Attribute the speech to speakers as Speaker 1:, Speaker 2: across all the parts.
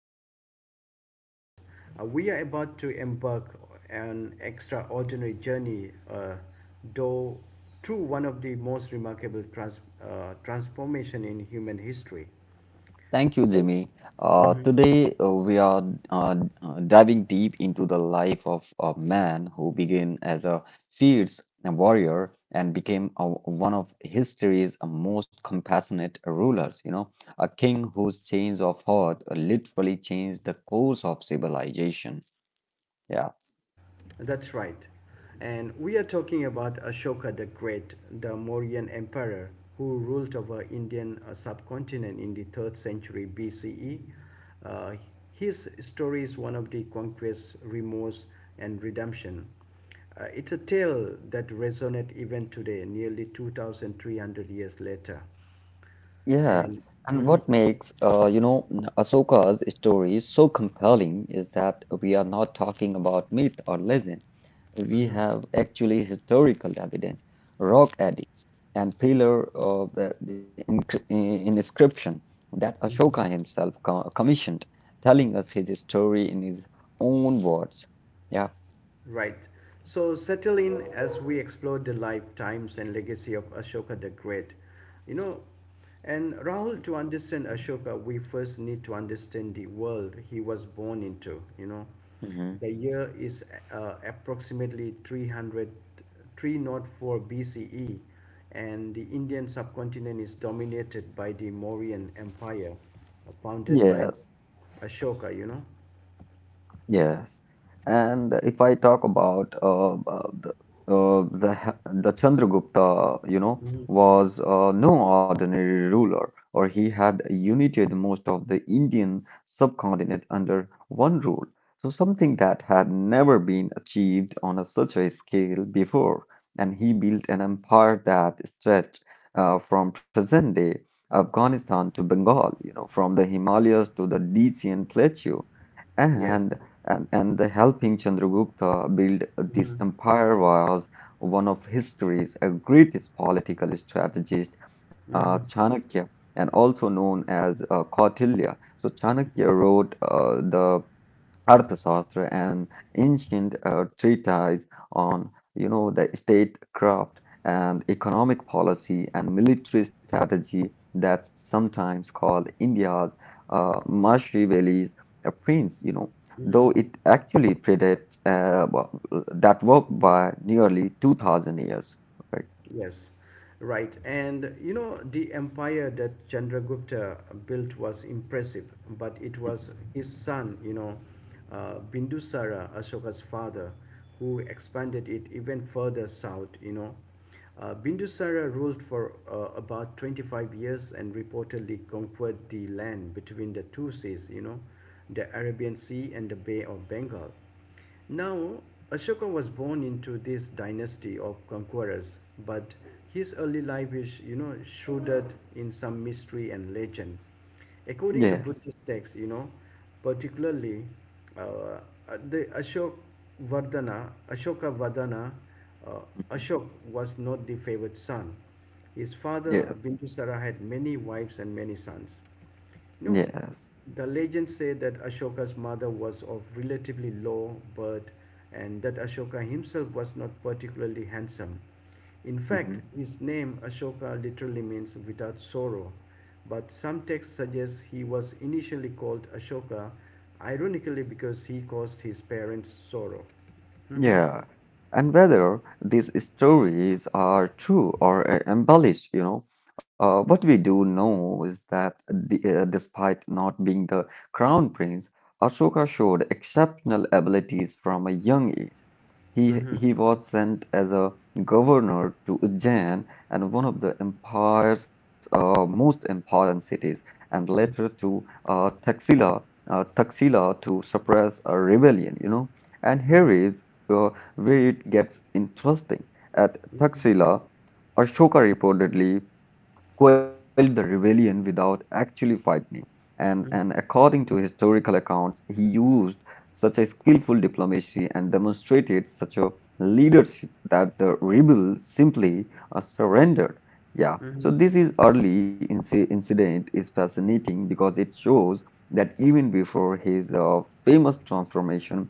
Speaker 1: host Rahul, as always. We are about to embark an extraordinary journey, though through one of the most remarkable transformation in human history.
Speaker 2: Thank you,
Speaker 1: So
Speaker 2: Jimmy. Today, we are uh, diving deep into the life of a man who began as a fierce warrior and became one of history's most compassionate rulers. You know, a king whose change of heart literally changed the course of civilization. Yeah.
Speaker 1: That's right. And we are talking about Ashoka the Great, the Mauryan emperor who ruled over Indian subcontinent in the 3rd century BCE. Uh, his story is one of the conquest, remorse and redemption. It's a tale that resonates even today, nearly 2300 years later.
Speaker 2: Yeah,
Speaker 1: And
Speaker 2: and what
Speaker 1: Mhm.
Speaker 2: makes Ahsoka's story so compelling is that we are not talking about myth or legend. We
Speaker 1: Mhm.
Speaker 2: have actually historical evidence, rock edicts, and pillar of the inscription that Ashoka
Speaker 1: Mhm.
Speaker 2: himself co commissioned, telling us his story in his own words. Yeah.
Speaker 1: Right. So settle in as we explore the life, times, and legacy of Ashoka the Great. You know, and Rahul, to understand Ashoka, we first need to understand the world he was born into.
Speaker 2: Hmm.
Speaker 1: The year is approximately 300, 304 BCE, and the Indian subcontinent is dominated by the Mauryan Empire, founded by
Speaker 2: Yes.
Speaker 1: Ashoka.
Speaker 2: Yes, and if I talk about the h- the Chandragupta, you know, was no ordinary ruler, or he had united most of the Indian subcontinent under one rule. So something that had never been achieved on such a scale before, and he built an empire that stretched from present-day Afghanistan to Bengal, you know, from the Himalayas to the Decian plateau.
Speaker 1: Yes.
Speaker 2: And and the helping Chandragupta build this
Speaker 1: Mm-hmm.
Speaker 2: empire was one of history's greatest political strategist,
Speaker 1: Mm-hmm.
Speaker 2: Chanakya, and also known as Kautilya. So Chanakya wrote the Arthashastra and ancient treatise on, you know, the statecraft and economic policy and military strategy that's sometimes called India's Machiavelli's prince, you know,
Speaker 1: Mm-hmm.
Speaker 2: though it actually predates that work by nearly 2,000 years, right?
Speaker 1: Yes, right. And the empire that Chandragupta built was impressive, but it
Speaker 2: Mhm.
Speaker 1: was his son, Bindusara, Ashoka's father, who expanded it even further south. Bindusara ruled for about 25 years and reportedly conquered the land between the two seas, the Arabian Sea and the Bay of Bengal. Now, Ashoka was born into this dynasty of conquerors, but his early life is, shrouded in some mystery and legend. According to
Speaker 2: Yes.
Speaker 1: Buddhist texts, particularly uh, the Ashok Vardhana, Ashoka Vadana, uh,
Speaker 2: Mhm.
Speaker 1: Ashok was not the favored son. His father,
Speaker 2: Yeah.
Speaker 1: Bindusara, had many wives and many sons. No,
Speaker 2: Yes.
Speaker 1: the legends say that Ashoka's mother was of relatively low birth and that Ashoka himself was not particularly handsome. In fact,
Speaker 2: Hmm.
Speaker 1: his name Ashoka literally means without sorrow, but some texts suggest he was initially called Ashoka, ironically, because he caused his parents sorrow. Mhm,
Speaker 2: Yeah, and whether these stories are true or embellished, you know, what we do know is that despite not being the crown prince, Ashoka showed exceptional abilities from a young age. He,
Speaker 1: mhm,
Speaker 2: he was sent as a governor to Ujjain and one of the empire's most important cities, and later
Speaker 1: mhm,
Speaker 2: to Taxila to suppress a rebellion, you know. And here
Speaker 1: mhm,
Speaker 2: is uh, where it gets interesting. At
Speaker 1: mhm,
Speaker 2: Taxila, Ashoka reportedly quelled the rebellion without actually fighting, and according to historical accounts, he used such a skillful diplomacy and demonstrated such a leadership that the rebels simply surrendered. Yeah, so
Speaker 1: mhm,
Speaker 2: this is early incident is fascinating because it shows that even before his famous transformation,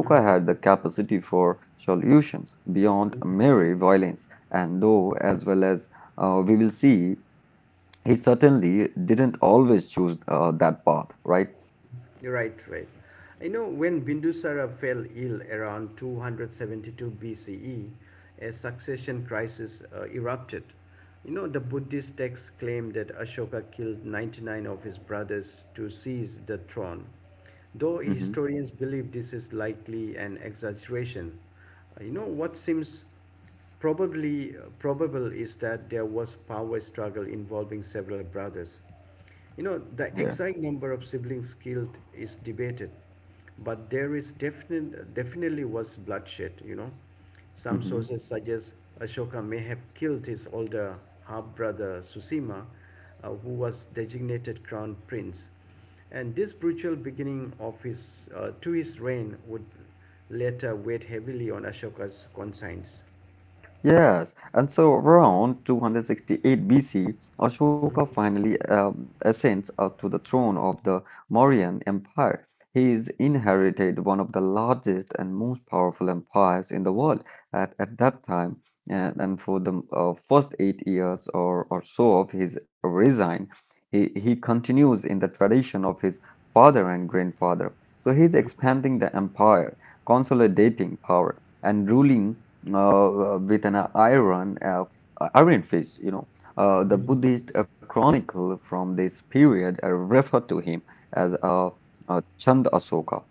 Speaker 1: mhm,
Speaker 2: had the capacity for solutions beyond
Speaker 1: mhm.
Speaker 2: mere violence and though as well as we will see he certainly didn't always choose that path, right?
Speaker 1: Right, right. When Bindusara fell ill around 272 BCE, a succession crisis erupted. The Buddhist texts claim that Ashoka killed 99 of his brothers to seize the throne. Though
Speaker 2: Mm-hmm.
Speaker 1: historians believe this is likely an exaggeration, what seems Probably probable is that there was power struggle involving several brothers. The
Speaker 2: Yeah.
Speaker 1: exact number of siblings killed is debated, but there is definitely was bloodshed. Some
Speaker 2: Mm-hmm.
Speaker 1: sources suggest Ashoka may have killed his older half-brother Susima, who was designated crown prince. And this brutal beginning of to his reign would later weigh heavily on Ashoka's conscience.
Speaker 2: Yes, and so around 268 BCE, Ashoka
Speaker 1: Мгм,
Speaker 2: finally ascends up to the throne of the Mauryan Empire. He's inherited one of the largest and most powerful empires in the world at that time. And for the first 8 years or so of his reign, he continues in the tradition of his father and grandfather. So he's expanding the empire, consolidating power, and ruling with an iron fist. You know, the
Speaker 1: мгм,
Speaker 2: Buddhist chronicle from this period refer to him as Chand Asoka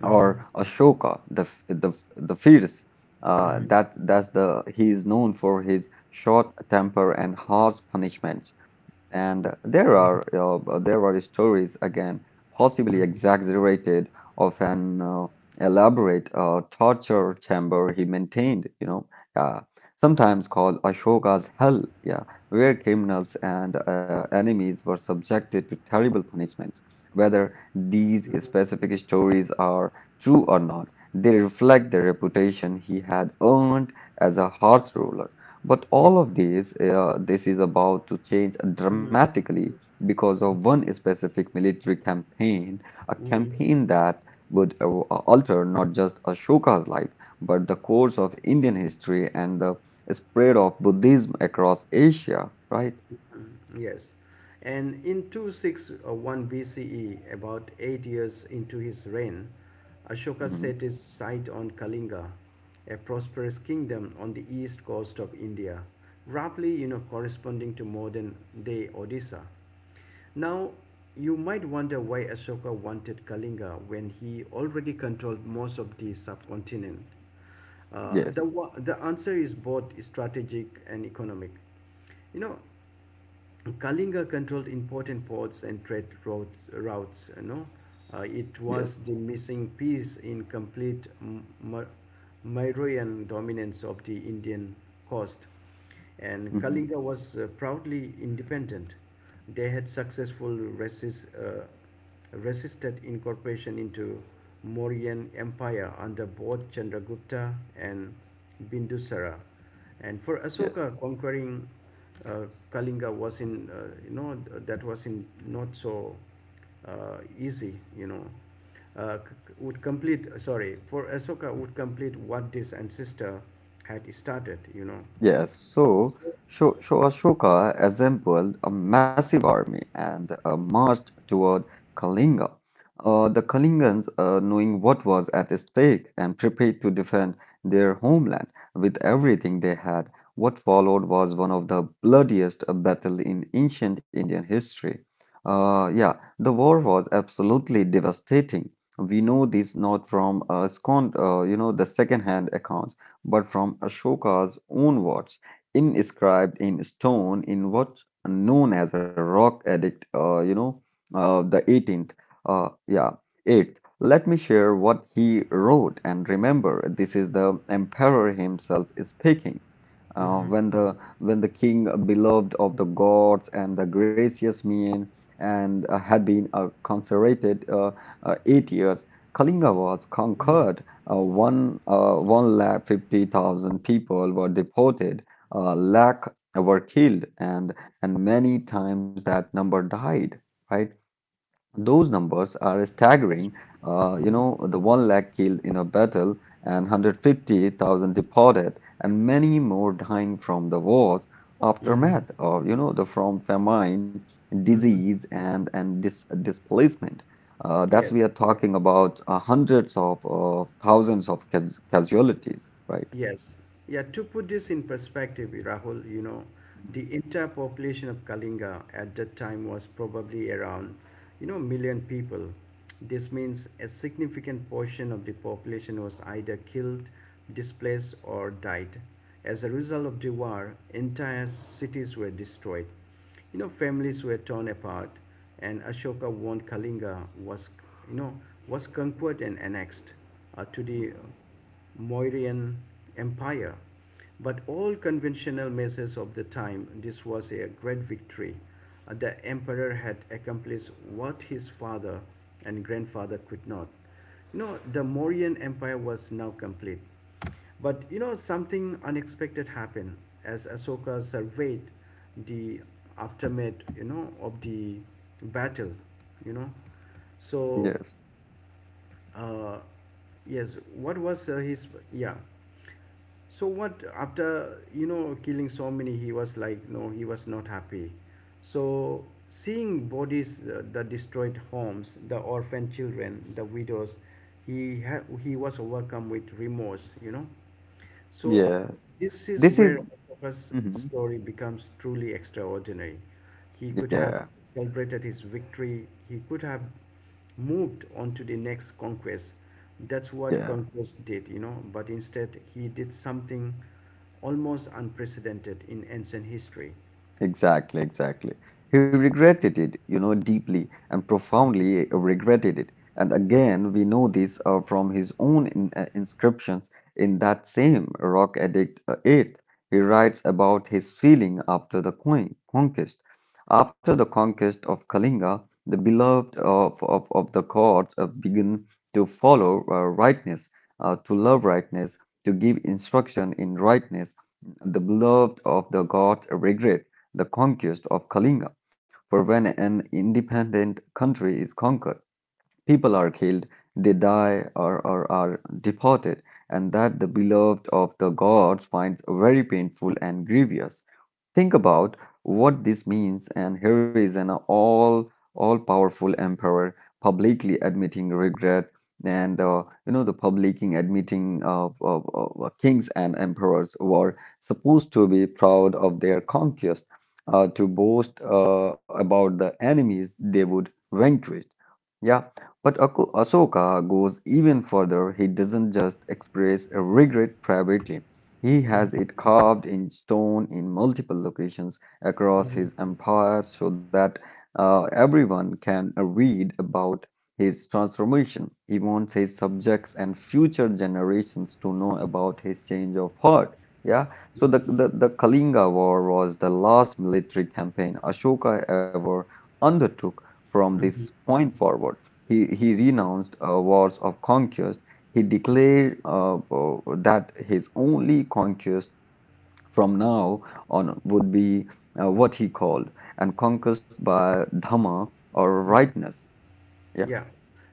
Speaker 1: мгм,
Speaker 2: or Ashoka, the the fierce.
Speaker 1: мгм.
Speaker 2: That that's the He is known for his short temper and harsh punishments. And
Speaker 1: Окей. Мгм,
Speaker 2: there are stories again, possibly exaggerated, of an elaborate torture chamber he maintained. You know, uh, sometimes called Ashoka's Hell. Yeah, where criminals and enemies were subjected to terrible punishments. Whether these
Speaker 1: мгм.
Speaker 2: specific stories are true or not, they reflect the reputation he had earned as a horse roller. But
Speaker 1: Нет.
Speaker 2: all of these, This is about to change
Speaker 1: Мгм,
Speaker 2: dramatically because of one specific military campaign, a
Speaker 1: мгм.
Speaker 2: campaign that would alter not just Ashoka's life, but the course of Indian history and the spread of Buddhism across Asia, right?
Speaker 1: Mm, yes. And in 261 BCE, about 8 years into his reign, Ashoka
Speaker 2: Mhm.
Speaker 1: set his sight on Kalinga, a prosperous kingdom on the east coast of India, roughly corresponding to modern day Odisha. Now, you might wonder why Ashoka wanted Kalinga when he already controlled most of the subcontinent. Uh, the,
Speaker 2: Yes,
Speaker 1: wa- the answer is both strategic and economic. You know, Kalinga controlled important ports and trade routes. It
Speaker 2: yes,
Speaker 1: was the missing piece in complete Mauryan dominance of the Indian coast, and
Speaker 2: Mhm.
Speaker 1: Kalinga was proudly independent. They had resisted incorporation into Mauryan Empire under both Chandragupta and Bindusara. And for
Speaker 2: yes.
Speaker 1: Asoka, conquering uh, Kalinga was in, you know, that was in not so easy. Uh, for Ahsoka would complete what this ancestor had started.
Speaker 2: Yes, so
Speaker 1: So,
Speaker 2: Ashoka assembled a massive army and marched toward Kalinga. The Kalingans, knowing what was at stake and prepared to defend their homeland with everything they had, what followed was one of the bloodiest battles in ancient Indian history. Uh, yeah, the war was absolutely devastating. We know this not from you know, the second-hand accounts but from Ashoka's own words, inscribed in stone in what's known as a rock edict, uh, you know, uh, the 18th. Uh, yeah, 8th. Let me share what he wrote, and remember, this is the emperor himself speaking. When the king beloved of the gods and the gracious man and had been consecrated 8 years, Kalinga was conquered one lakh 50,000 people were deported, a lakh were killed, and many times that number died, right? Those numbers
Speaker 1: yeah,
Speaker 2: are
Speaker 1: that's.
Speaker 2: staggering. You
Speaker 1: Mhm,
Speaker 2: know, the 1 lakh killed in a battle and 150,000 deported, and many more dying from the war's
Speaker 1: mhm,
Speaker 2: aftermath, or, you know, the from famine,
Speaker 1: mhm.
Speaker 2: disease, and displacement. That's We
Speaker 1: Yes.
Speaker 2: are talking about hundreds of thousands of casualties, right?
Speaker 1: Yes. Yeah, to put this in perspective, Rahul,
Speaker 2: Mhm,
Speaker 1: the entire population of Kalinga at that time was probably around million people. This means a significant portion of the population was either killed, displaced, or died. As a result of the war, entire cities were destroyed. Families were torn apart, and Ashoka won. Kalinga you know, was conquered and annexed to the
Speaker 2: mhm.
Speaker 1: Mauryan Empire. But all conventional measures of the time, this was a great victory. The emperor had accomplished what his father and grandfather could not. The Mauryan Empire was now complete. But something unexpected happened as Ashoka surveyed the aftermath, of the battle, you know. So
Speaker 2: Yes,
Speaker 1: uh, yes, what was his, yeah, so what, after killing so many, he was like, no, he was not happy. So, seeing bodies, the destroyed homes, the orphan children, the widows, he was overcome with remorse. So,
Speaker 2: yes.
Speaker 1: this is
Speaker 2: This
Speaker 1: where
Speaker 2: is,
Speaker 1: Octopus'
Speaker 2: Mhm.
Speaker 1: story becomes truly extraordinary. He could have
Speaker 2: yeah,
Speaker 1: celebrated his victory, he could have moved on to the next conquest. That's what
Speaker 2: yeah.
Speaker 1: conquest did, but instead he did something almost unprecedented in ancient history.
Speaker 2: Exactly, exactly. He regretted it, you know, deeply and profoundly regretted it. And again, we know this from his own inscriptions in that same Rock Edict 8. He writes about his feeling after the conquest. After the conquest of Kalinga, the beloved of the gods began to follow rightness, to love rightness, to give instruction in rightness. The beloved of the gods regret the conquest of Kalinga. For when an independent country is conquered, people are killed, they die, or are deported, and that the beloved of the gods finds very painful and grievous. Think about what this means, and here is an all powerful emperor publicly admitting regret, and you know the publicly admitting kings and emperors were supposed to be proud of their conquest, to boast about the enemies they would vanquish. Yeah, but Ahsoka goes even further. He doesn't just express regret privately. He has it carved in stone in multiple locations across
Speaker 1: Mhm.
Speaker 2: his empire so that everyone can read about his transformation. He wants his subjects and future generations to know about his change of heart. Yeah, so the Kalinga War was the last military campaign Ashoka ever undertook from this point forward. He renounced wars of conquest he declared that his only conquest from now on would be what he called and conquest by Dhamma or rightness. Yeah,
Speaker 1: Yeah.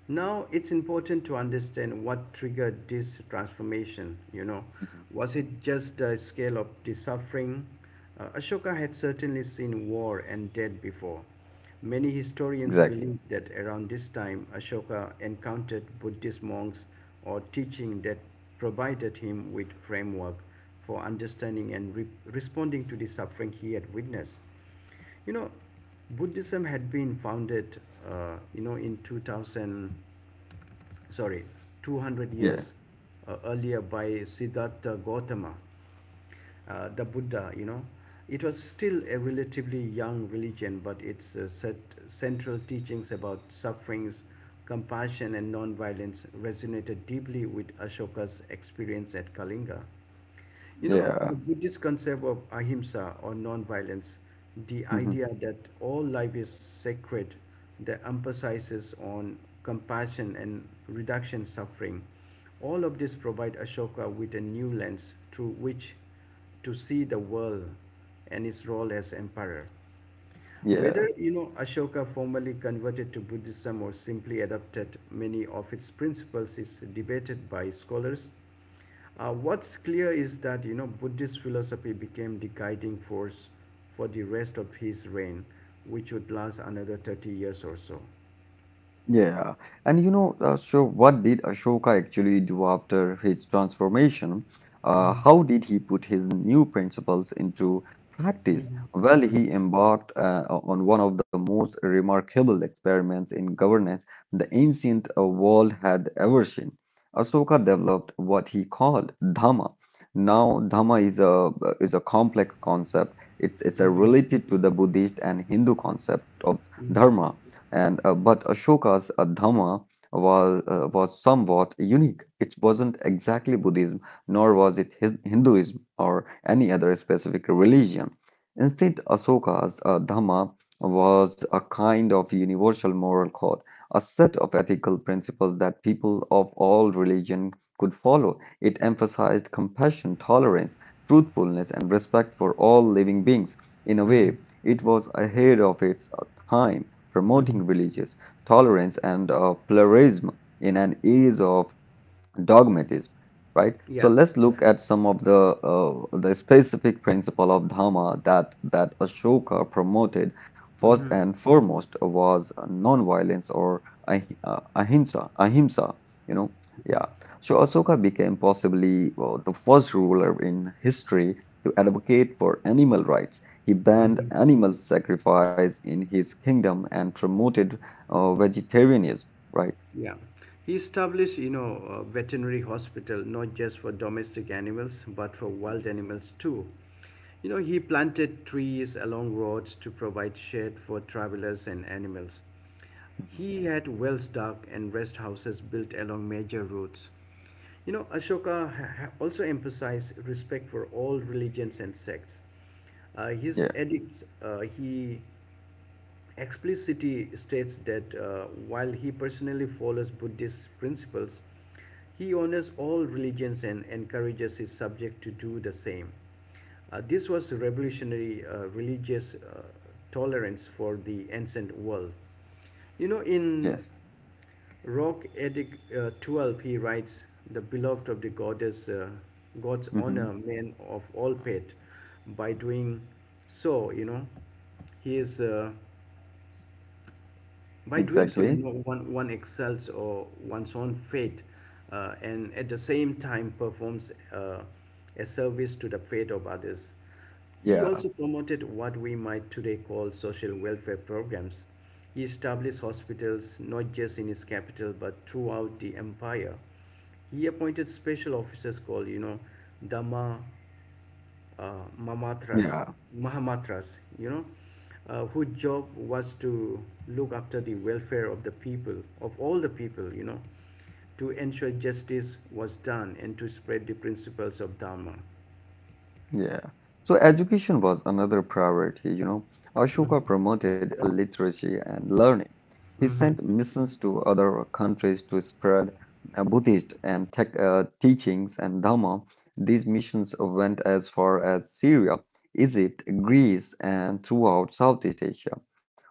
Speaker 1: Now it's important to understand what triggered this transformation.
Speaker 2: Mhm.
Speaker 1: Was it just the scale of the suffering? Ashoka had certainly seen war and death before. Many historians
Speaker 2: exactly.
Speaker 1: believe that around this time Ashoka encountered Buddhist monks or teaching that provided him with framework for understanding and responding to the suffering he had witnessed. You know, Buddhism had been founded, in 2000, sorry, 200
Speaker 2: Yeah,
Speaker 1: years earlier by Siddhartha Gautama, the Buddha. It was still a relatively young religion, but its set central teachings about sufferings, compassion, and non-violence resonated deeply with Ashoka's experience at Kalinga.
Speaker 2: yeah.
Speaker 1: The Buddhist concept of ahimsa or non-violence, the idea
Speaker 2: Hmm.
Speaker 1: that all life is sacred, that emphasizes on compassion and reduction suffering. All of this provide Ashoka with a new lens through which to see the world and its role as emperor. Whether
Speaker 2: Yes.
Speaker 1: Ashoka formally converted to Buddhism or simply adopted many of its principles is debated by scholars. What's clear is that Buddhist philosophy became the guiding force for the rest of his reign, which would last another 30 years or so.
Speaker 2: Yeah, and you know, so what did Ashoka actually do after his transformation? How did he put his new principles into practice?
Speaker 1: Mhm,
Speaker 2: Well, he embarked on one of the most remarkable experiments in governance the ancient world had ever seen. Ashoka developed what he called Dhamma. Now, Dhamma is a complex concept. It's a
Speaker 1: mhm,
Speaker 2: related to the Buddhist and Hindu concept of
Speaker 1: mhm,
Speaker 2: dharma and but Ashoka's Dhamma was somewhat unique. It wasn't exactly Buddhism, nor was it Hinduism or any other specific religion. Instead, Ashoka's Dhamma was a kind of universal moral code, a set of ethical principles that people of all religion could follow. It emphasized compassion, tolerance, truthfulness, and respect for all living beings. In a
Speaker 1: mhm,
Speaker 2: way, it was ahead of its time promoting religious tolerance and pluralism in an age of dogmatism, right?
Speaker 1: yeah,
Speaker 2: So let's look at some of the specific principle of Dhamma that Ashoka promoted. First
Speaker 1: mhm,
Speaker 2: and foremost was non-violence or ahimsa, you know.
Speaker 1: mhm,
Speaker 2: Yeah. So Ashoka became possibly the first ruler in history to advocate for animal rights. He banned
Speaker 1: mhm.
Speaker 2: animal sacrifice in his kingdom and promoted vegetarianism, right?
Speaker 1: Yeah. He established a veterinary hospital not just for domestic animals but for
Speaker 2: Mhm.
Speaker 1: wild animals too. He planted trees along roads to provide shade for travelers and animals.
Speaker 2: Mhm.
Speaker 1: He had wells dug and rest houses built along major routes. Ashoka also emphasized respect for all religions and sects. His
Speaker 2: Yeah.
Speaker 1: edicts, he explicitly states that while he personally follows Buddhist principles, he honors all religions and encourages his subjects to do the same. This was revolutionary religious tolerance for the ancient world. In
Speaker 2: Yes.
Speaker 1: Rock Edic 12, he writes, the beloved of the goddess, God's honor,
Speaker 2: Mm-hmm.
Speaker 1: men of all pet, by doing so, he is. By doing so, you
Speaker 2: Exactly.
Speaker 1: know, one excels or one's own fate and at the same time performs a service to the fate of others. He
Speaker 2: Yeah.
Speaker 1: also promoted what we might today call social welfare programs. He established hospitals not just in his capital but throughout the empire. He appointed special officers called Dama uh, Mamatras,
Speaker 2: Yeah.
Speaker 1: Mahamatras, whose job was to look after the welfare of the people, of all the people, to ensure justice was done and to spread the principles of Dharma.
Speaker 2: Yeah. So education was another priority, you know. Ashoka
Speaker 1: Mm-hmm,
Speaker 2: promoted literacy and learning. He sent missions to other countries to spread Buddhist teachings and Dhamma. These missions went as far as Syria, Egypt, Greece, and throughout Southeast Asia.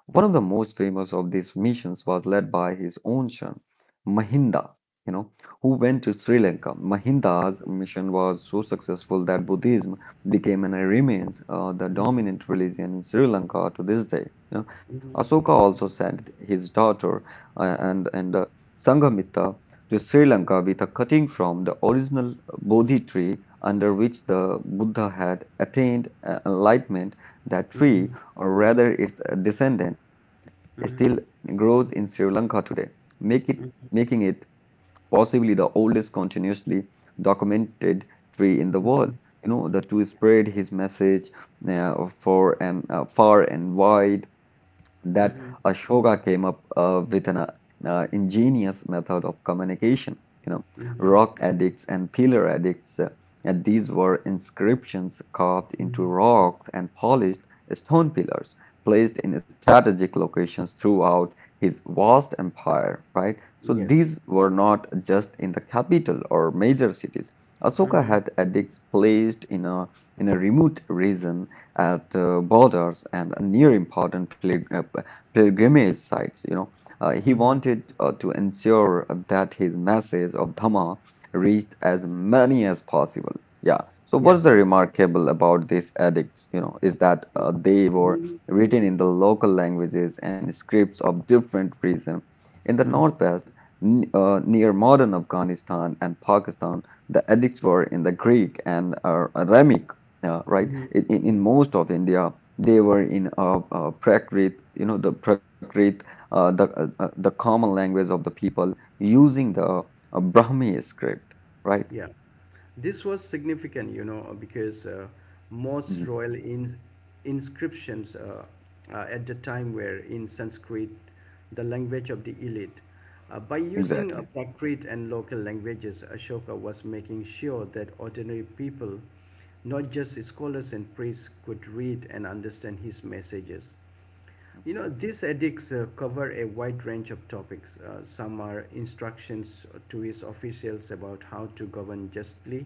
Speaker 2: One of the most famous of these missions was led by his own son, Mahinda, you know, who went to Sri Lanka. Mahinda's mission was so successful that Buddhism became and remains the
Speaker 1: mhm,
Speaker 2: dominant religion in Sri Lanka to this day. You know,
Speaker 1: mhm,
Speaker 2: Asoka also sent his daughter and Sanghamitra to Sri Lanka with a cutting from the original Bodhi tree under which the Buddha had attained enlightenment. That tree
Speaker 1: mhm,
Speaker 2: or rather its descendant, still
Speaker 1: mhm,
Speaker 2: grows in Sri Lanka today, make it, making it possibly the oldest continuously documented tree in the world. You know, the to spread his message for and far and wide
Speaker 1: mhm,
Speaker 2: that
Speaker 1: mhm,
Speaker 2: Ashoka came up with an ingenious method of communication. You know,
Speaker 1: mhm,
Speaker 2: rock addicts and pillar addicts, and these were inscriptions carved
Speaker 1: mhm.
Speaker 2: into rocks and polished stone pillars placed in strategic locations throughout his vast empire, right? So
Speaker 1: Yes,
Speaker 2: these were not just in the capital or major cities. Ashoka
Speaker 1: mhm,
Speaker 2: had edicts placed in a remote region at borders and near important pilgrimage sites. He
Speaker 1: mhm,
Speaker 2: wanted to ensure that his message of Dhamma reached as many as possible. Yeah. So what's
Speaker 1: yes.
Speaker 2: the remarkable about these edicts? Is that they were
Speaker 1: Mhm,
Speaker 2: written in the local languages and scripts of different regions. In the
Speaker 1: mhm,
Speaker 2: northwest, near modern Afghanistan and Pakistan, the edicts were in the Greek and Arabic, right?
Speaker 1: mhm.
Speaker 2: In most of India, they were in Prakrit, you know, the Prakrit, the common language of the people, using the Brahmi script, right?
Speaker 1: Yeah, this was significant, because most
Speaker 2: Mhm.
Speaker 1: royal inscriptions at the time were in Sanskrit, the language of the elite. By using
Speaker 2: Exactly.
Speaker 1: Prakrit and local languages, Ashoka was making sure that ordinary people, not just scholars and priests, could read and understand his messages.
Speaker 2: Mhm.
Speaker 1: These edicts cover a wide range of topics. Some are instructions to his officials about how to govern justly.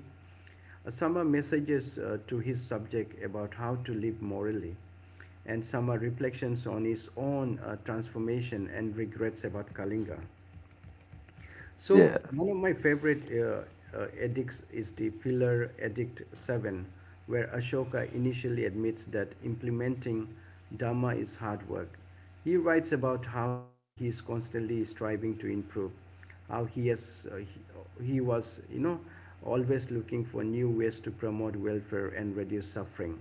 Speaker 1: Some are messages to his subject about how to live morally. And some are reflections on his own transformation and regrets about Kalinga. So one
Speaker 2: Yes.
Speaker 1: of my favorite edicts is the Pillar Edict 7, where Ashoka initially admits that implementing Dhamma is hard work. He writes about how he is constantly striving to improve, how he was always looking for new ways to promote welfare and reduce suffering.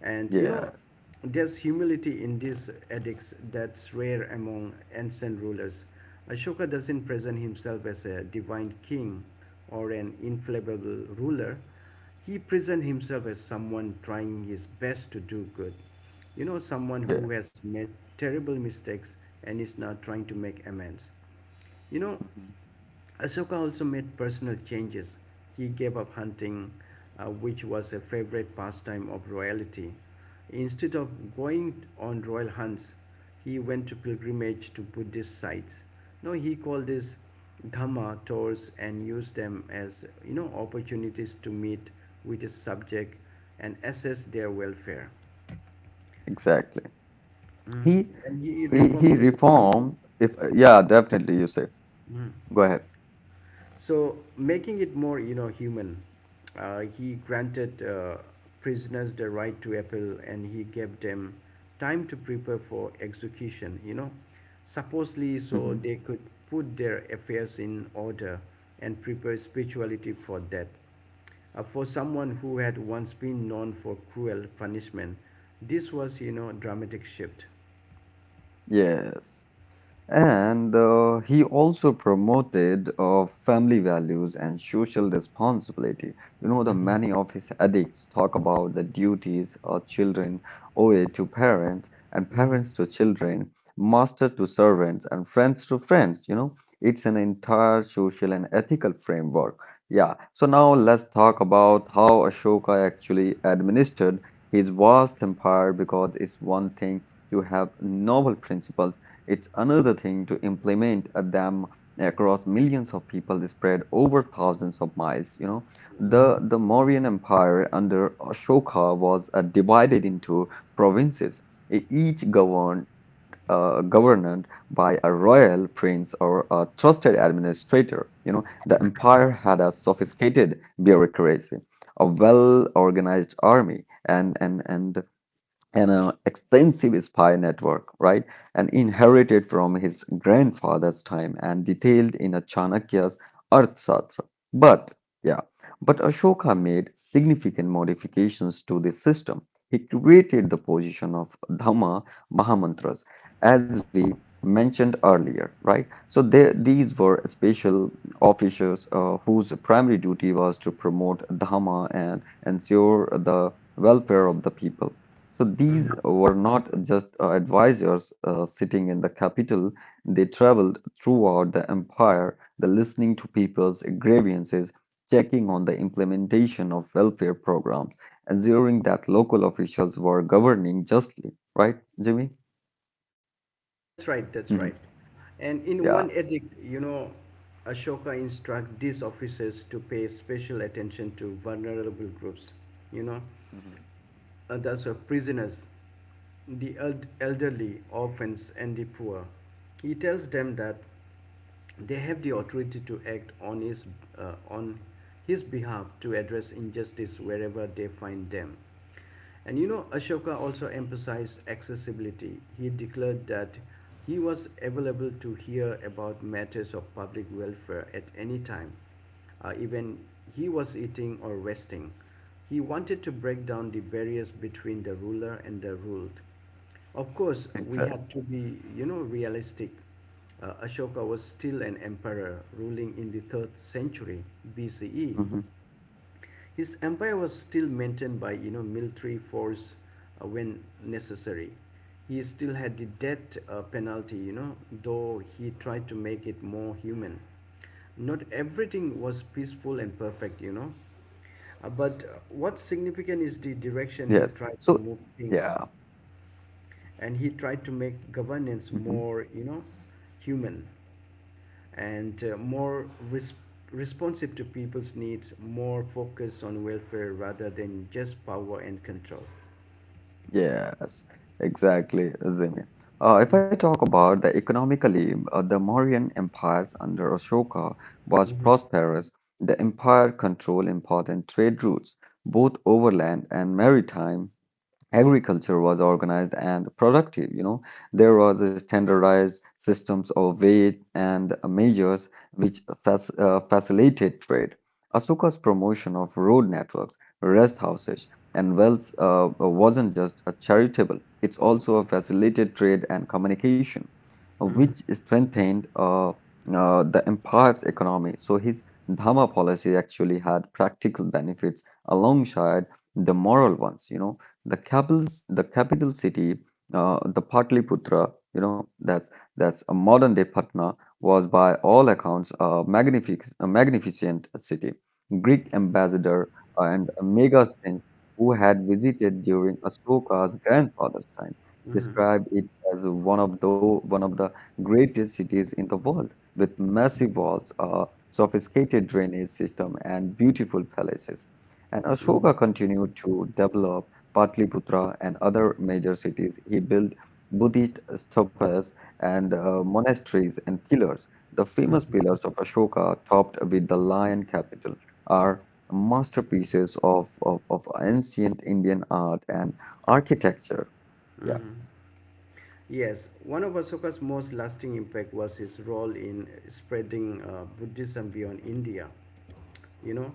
Speaker 1: And
Speaker 2: Yes.
Speaker 1: there's humility in these edicts that's rare among ancient rulers. Ashoka doesn't present himself as a divine king or an infallible ruler. He presents himself as someone trying his best to do good. Someone who
Speaker 2: Yeah.
Speaker 1: has made terrible mistakes and is now trying to make amends. You know,
Speaker 2: Mhm.
Speaker 1: Ahsoka also made personal changes. He gave up hunting, which was a favorite pastime of royalty. Instead of going on royal hunts, he went to pilgrimage to Buddhist sites. No, he called this Dhamma tours and used them as opportunities to meet with his subject and assess their welfare.
Speaker 2: Exactly.
Speaker 1: Mm.
Speaker 2: He
Speaker 1: And he
Speaker 2: he
Speaker 1: reformed
Speaker 2: he
Speaker 1: the religious.
Speaker 2: reformed. If yeah, definitely. You say.
Speaker 1: Mm.
Speaker 2: Go ahead.
Speaker 1: So, making it more, human, he granted prisoners the right to appeal, and he gave them time to prepare for execution. You know, supposedly so
Speaker 2: Mhm.
Speaker 1: they could put their affairs in order and prepare spirituality for death. For someone who had once been known for cruel punishment, this was, you know, a dramatic shift.
Speaker 2: Yes. And he also promoted family values and social responsibility. You know, the
Speaker 1: Mm-hmm.
Speaker 2: many of his edicts talk about the duties of children owe to parents and
Speaker 1: Mm-hmm.
Speaker 2: parents to children, master to servants and friends to friends. You know, it's an entire social and ethical framework. Yeah. So now let's talk about how Ashoka actually administered his vast empire, because it's one thing to have noble principles, it's another thing to implement them across millions of people spread over thousands of miles. You know, the Mauryan Empire under Ashoka was divided into provinces, each governed governed by a royal prince or a trusted administrator. You know, the empire had a sophisticated bureaucracy, a well-organized army, and an extensive spy network, right? And inherited from his grandfather's time and detailed in a Chanakya's Arthashastra. But, yeah, but Ashoka made significant modifications to this system. He created the position of Dhamma Mahamantras, as we mentioned earlier, right? So there, these were special officers whose primary duty was to promote Dhamma and ensure the welfare of the people. So these were not just advisors sitting in the capital, they traveled throughout the empire, the listening to people's grievances, checking on the implementation of welfare programs, ensuring that local officials were governing justly. Right, Jimmy?
Speaker 1: That's right,
Speaker 2: Mhm.
Speaker 1: that's right. And in
Speaker 2: Yeah.
Speaker 1: one edict, you know, Ashoka instructs these officers to pay special attention to vulnerable groups, you know,
Speaker 2: Mhm.
Speaker 1: and that's why prisoners, the elderly, orphans, and the poor. He tells them that they have the authority to act on his behalf to address injustice wherever they find them. And you know, Ashoka also emphasized accessibility. He declared that he was available to hear about matters of public welfare at any time, even he was eating or resting. He wanted to break down the barriers between the ruler and the ruled. Of course, we
Speaker 2: Exactly.
Speaker 1: have to be, you know, realistic. Ashoka was still an emperor ruling in the 3rd century BCE.
Speaker 2: Mhm.
Speaker 1: His empire was still maintained by, you know, military force when necessary. He still had the death penalty, you know, though he tried to make it more human. Not everything was peaceful and perfect, you know. But
Speaker 2: Yes.
Speaker 1: what's
Speaker 2: So,
Speaker 1: significant is the
Speaker 2: yeah.
Speaker 1: direction he tried to move things, and he tried to make
Speaker 2: Mhm.
Speaker 1: governance more, you know, human and more responsive to people's needs, more focus on welfare rather than just power and control.
Speaker 2: Yes, exactly, Zimmy. If I talk about the economically, the Mauryan empires under Ashoka was
Speaker 1: Mhm,
Speaker 2: prosperous. The empire controlled important trade routes, both overland and maritime. Agriculture was organized and productive, you know. There was a standardized systems of weight and measures, which facilitated trade. Ashoka's promotion of road networks, rest houses, and wells wasn't just a charitable, it's also a facilitated trade and communication, which strengthened the empire's economy. So his dhamma policy actually had practical benefits alongside the moral ones, you know. The the capital city, the Patliputra, you know, that's a modern day Patna, was by all accounts a magnific a magnificent city. Greek ambassador and Megasthenes, who had visited during Ashoka's grandfather's time,
Speaker 1: mhm,
Speaker 2: described it as one of the greatest cities in the world, with massive walls, a sophisticated drainage system, and beautiful palaces. And
Speaker 1: mhm.
Speaker 2: Ashoka continued to develop Patliputra, and other major cities, he built Buddhist stupas and monasteries and pillars. The famous pillars of Ashoka, topped with the lion capital, are masterpieces of, ancient Indian art and architecture. Yeah,
Speaker 1: Yes, one of Asoka's most lasting impact was his role in spreading Buddhism beyond India. You know,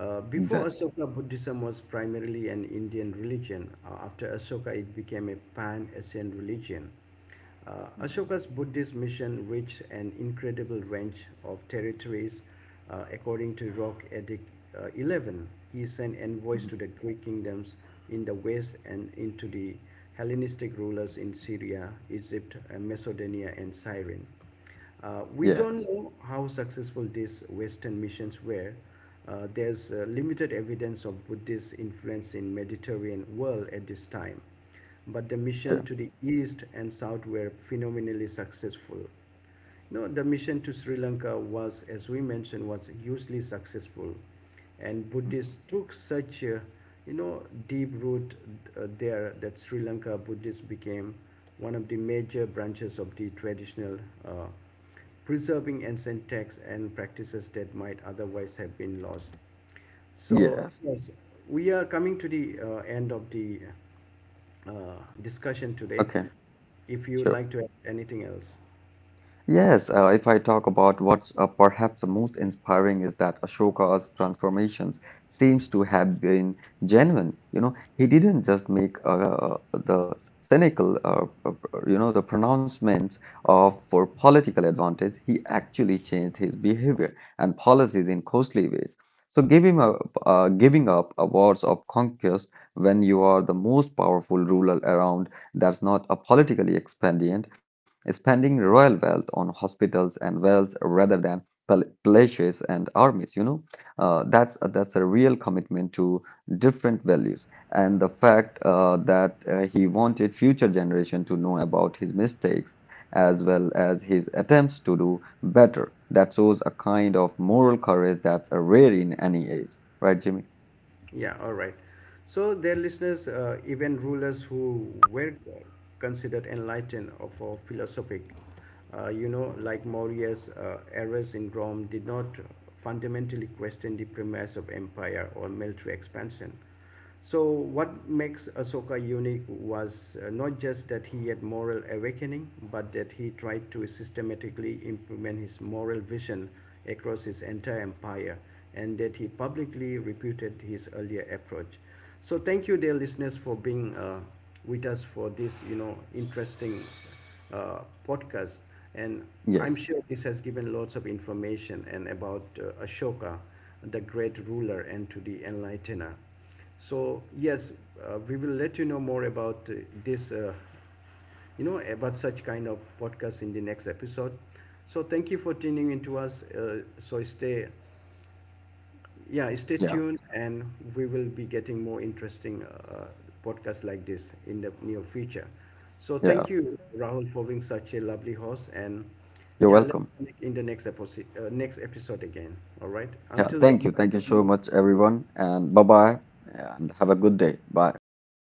Speaker 1: Before
Speaker 2: exactly.
Speaker 1: Ashoka, Buddhism was primarily an Indian religion. After Ashoka, it became a pan-Asian religion.
Speaker 2: Mhm,
Speaker 1: Ashoka's Buddhist mission reached an incredible range of territories. According to Rock Edict 11, he sent envoys
Speaker 2: mhm.
Speaker 1: to the Greek kingdoms in the west and into the Hellenistic rulers in Syria, Egypt, Macedonia, and Cyrene. We don't
Speaker 2: Yes.
Speaker 1: know how successful these Western missions were. There's limited evidence of Buddhist influence in Mediterranean world at this time, but the mission to
Speaker 2: Yeah.
Speaker 1: the east and south were phenomenally successful. No, the mission to Sri Lanka was, as we mentioned, was hugely successful, and
Speaker 2: Mhm.
Speaker 1: Buddhists took such a, you know, deep root there, that Sri Lanka Buddhists became one of the major branches of the traditional, uh, preserving ancient texts and practices that might otherwise have been lost. So
Speaker 2: Yes.
Speaker 1: yes, we are coming to the end of the uh, discussion today.
Speaker 2: Okay.
Speaker 1: If you would
Speaker 2: Sure.
Speaker 1: like to add anything else.
Speaker 2: Yes, if I talk about what's perhaps the most inspiring is that Ashoka's transformations seems to have been genuine. You know, he didn't just make the cynical, you know, the pronouncements of for political advantage. He actually changed his behavior and policies in costly ways. So, giving up awards of conquest when you are the most powerful ruler around, that's not a politically expedient spending royal wealth on hospitals and wells rather than palaces and armies, you know, that's a real commitment to different values. And the fact that he wanted future generation to know about his mistakes as well as his attempts to do better, that shows a kind of moral courage that's rare in any age, right Jimmy?
Speaker 1: Yeah, all right. So, their listeners, even rulers who were considered enlightened or for philosophic, you
Speaker 2: Mhm.
Speaker 1: know, like Marius, Ares in Rome, did not fundamentally question the premise of empire or military expansion. So, what makes Ahsoka unique was not just that he had moral awakening, but that he tried to systematically implement his moral vision across his entire empire, and that he publicly refuted his earlier approach. So, thank you, dear listeners, for being with us for this, you know, interesting uh, podcast. And I'm
Speaker 2: Yes.
Speaker 1: sure this has given lots of information and about Ashoka, the great ruler, and to the enlightener. So yes, we will let you know more about this, you know, about such kind of podcast in the next episode. So thank you for tuning into us. So stay, yeah, stay
Speaker 2: Yeah.
Speaker 1: tuned, and we will be getting more interesting podcasts like this in the near future. So
Speaker 2: Yeah.
Speaker 1: thank you, Rahul, for being such a lovely host, and
Speaker 2: You're welcome.
Speaker 1: yeah, let's connect in the next episode, again. All right.
Speaker 2: Yeah,
Speaker 1: Until
Speaker 2: thank you.
Speaker 1: then.
Speaker 2: Thank you
Speaker 1: See
Speaker 2: so
Speaker 1: you.
Speaker 2: much, everyone. And bye bye. And have a good day. Bye. Bye bye.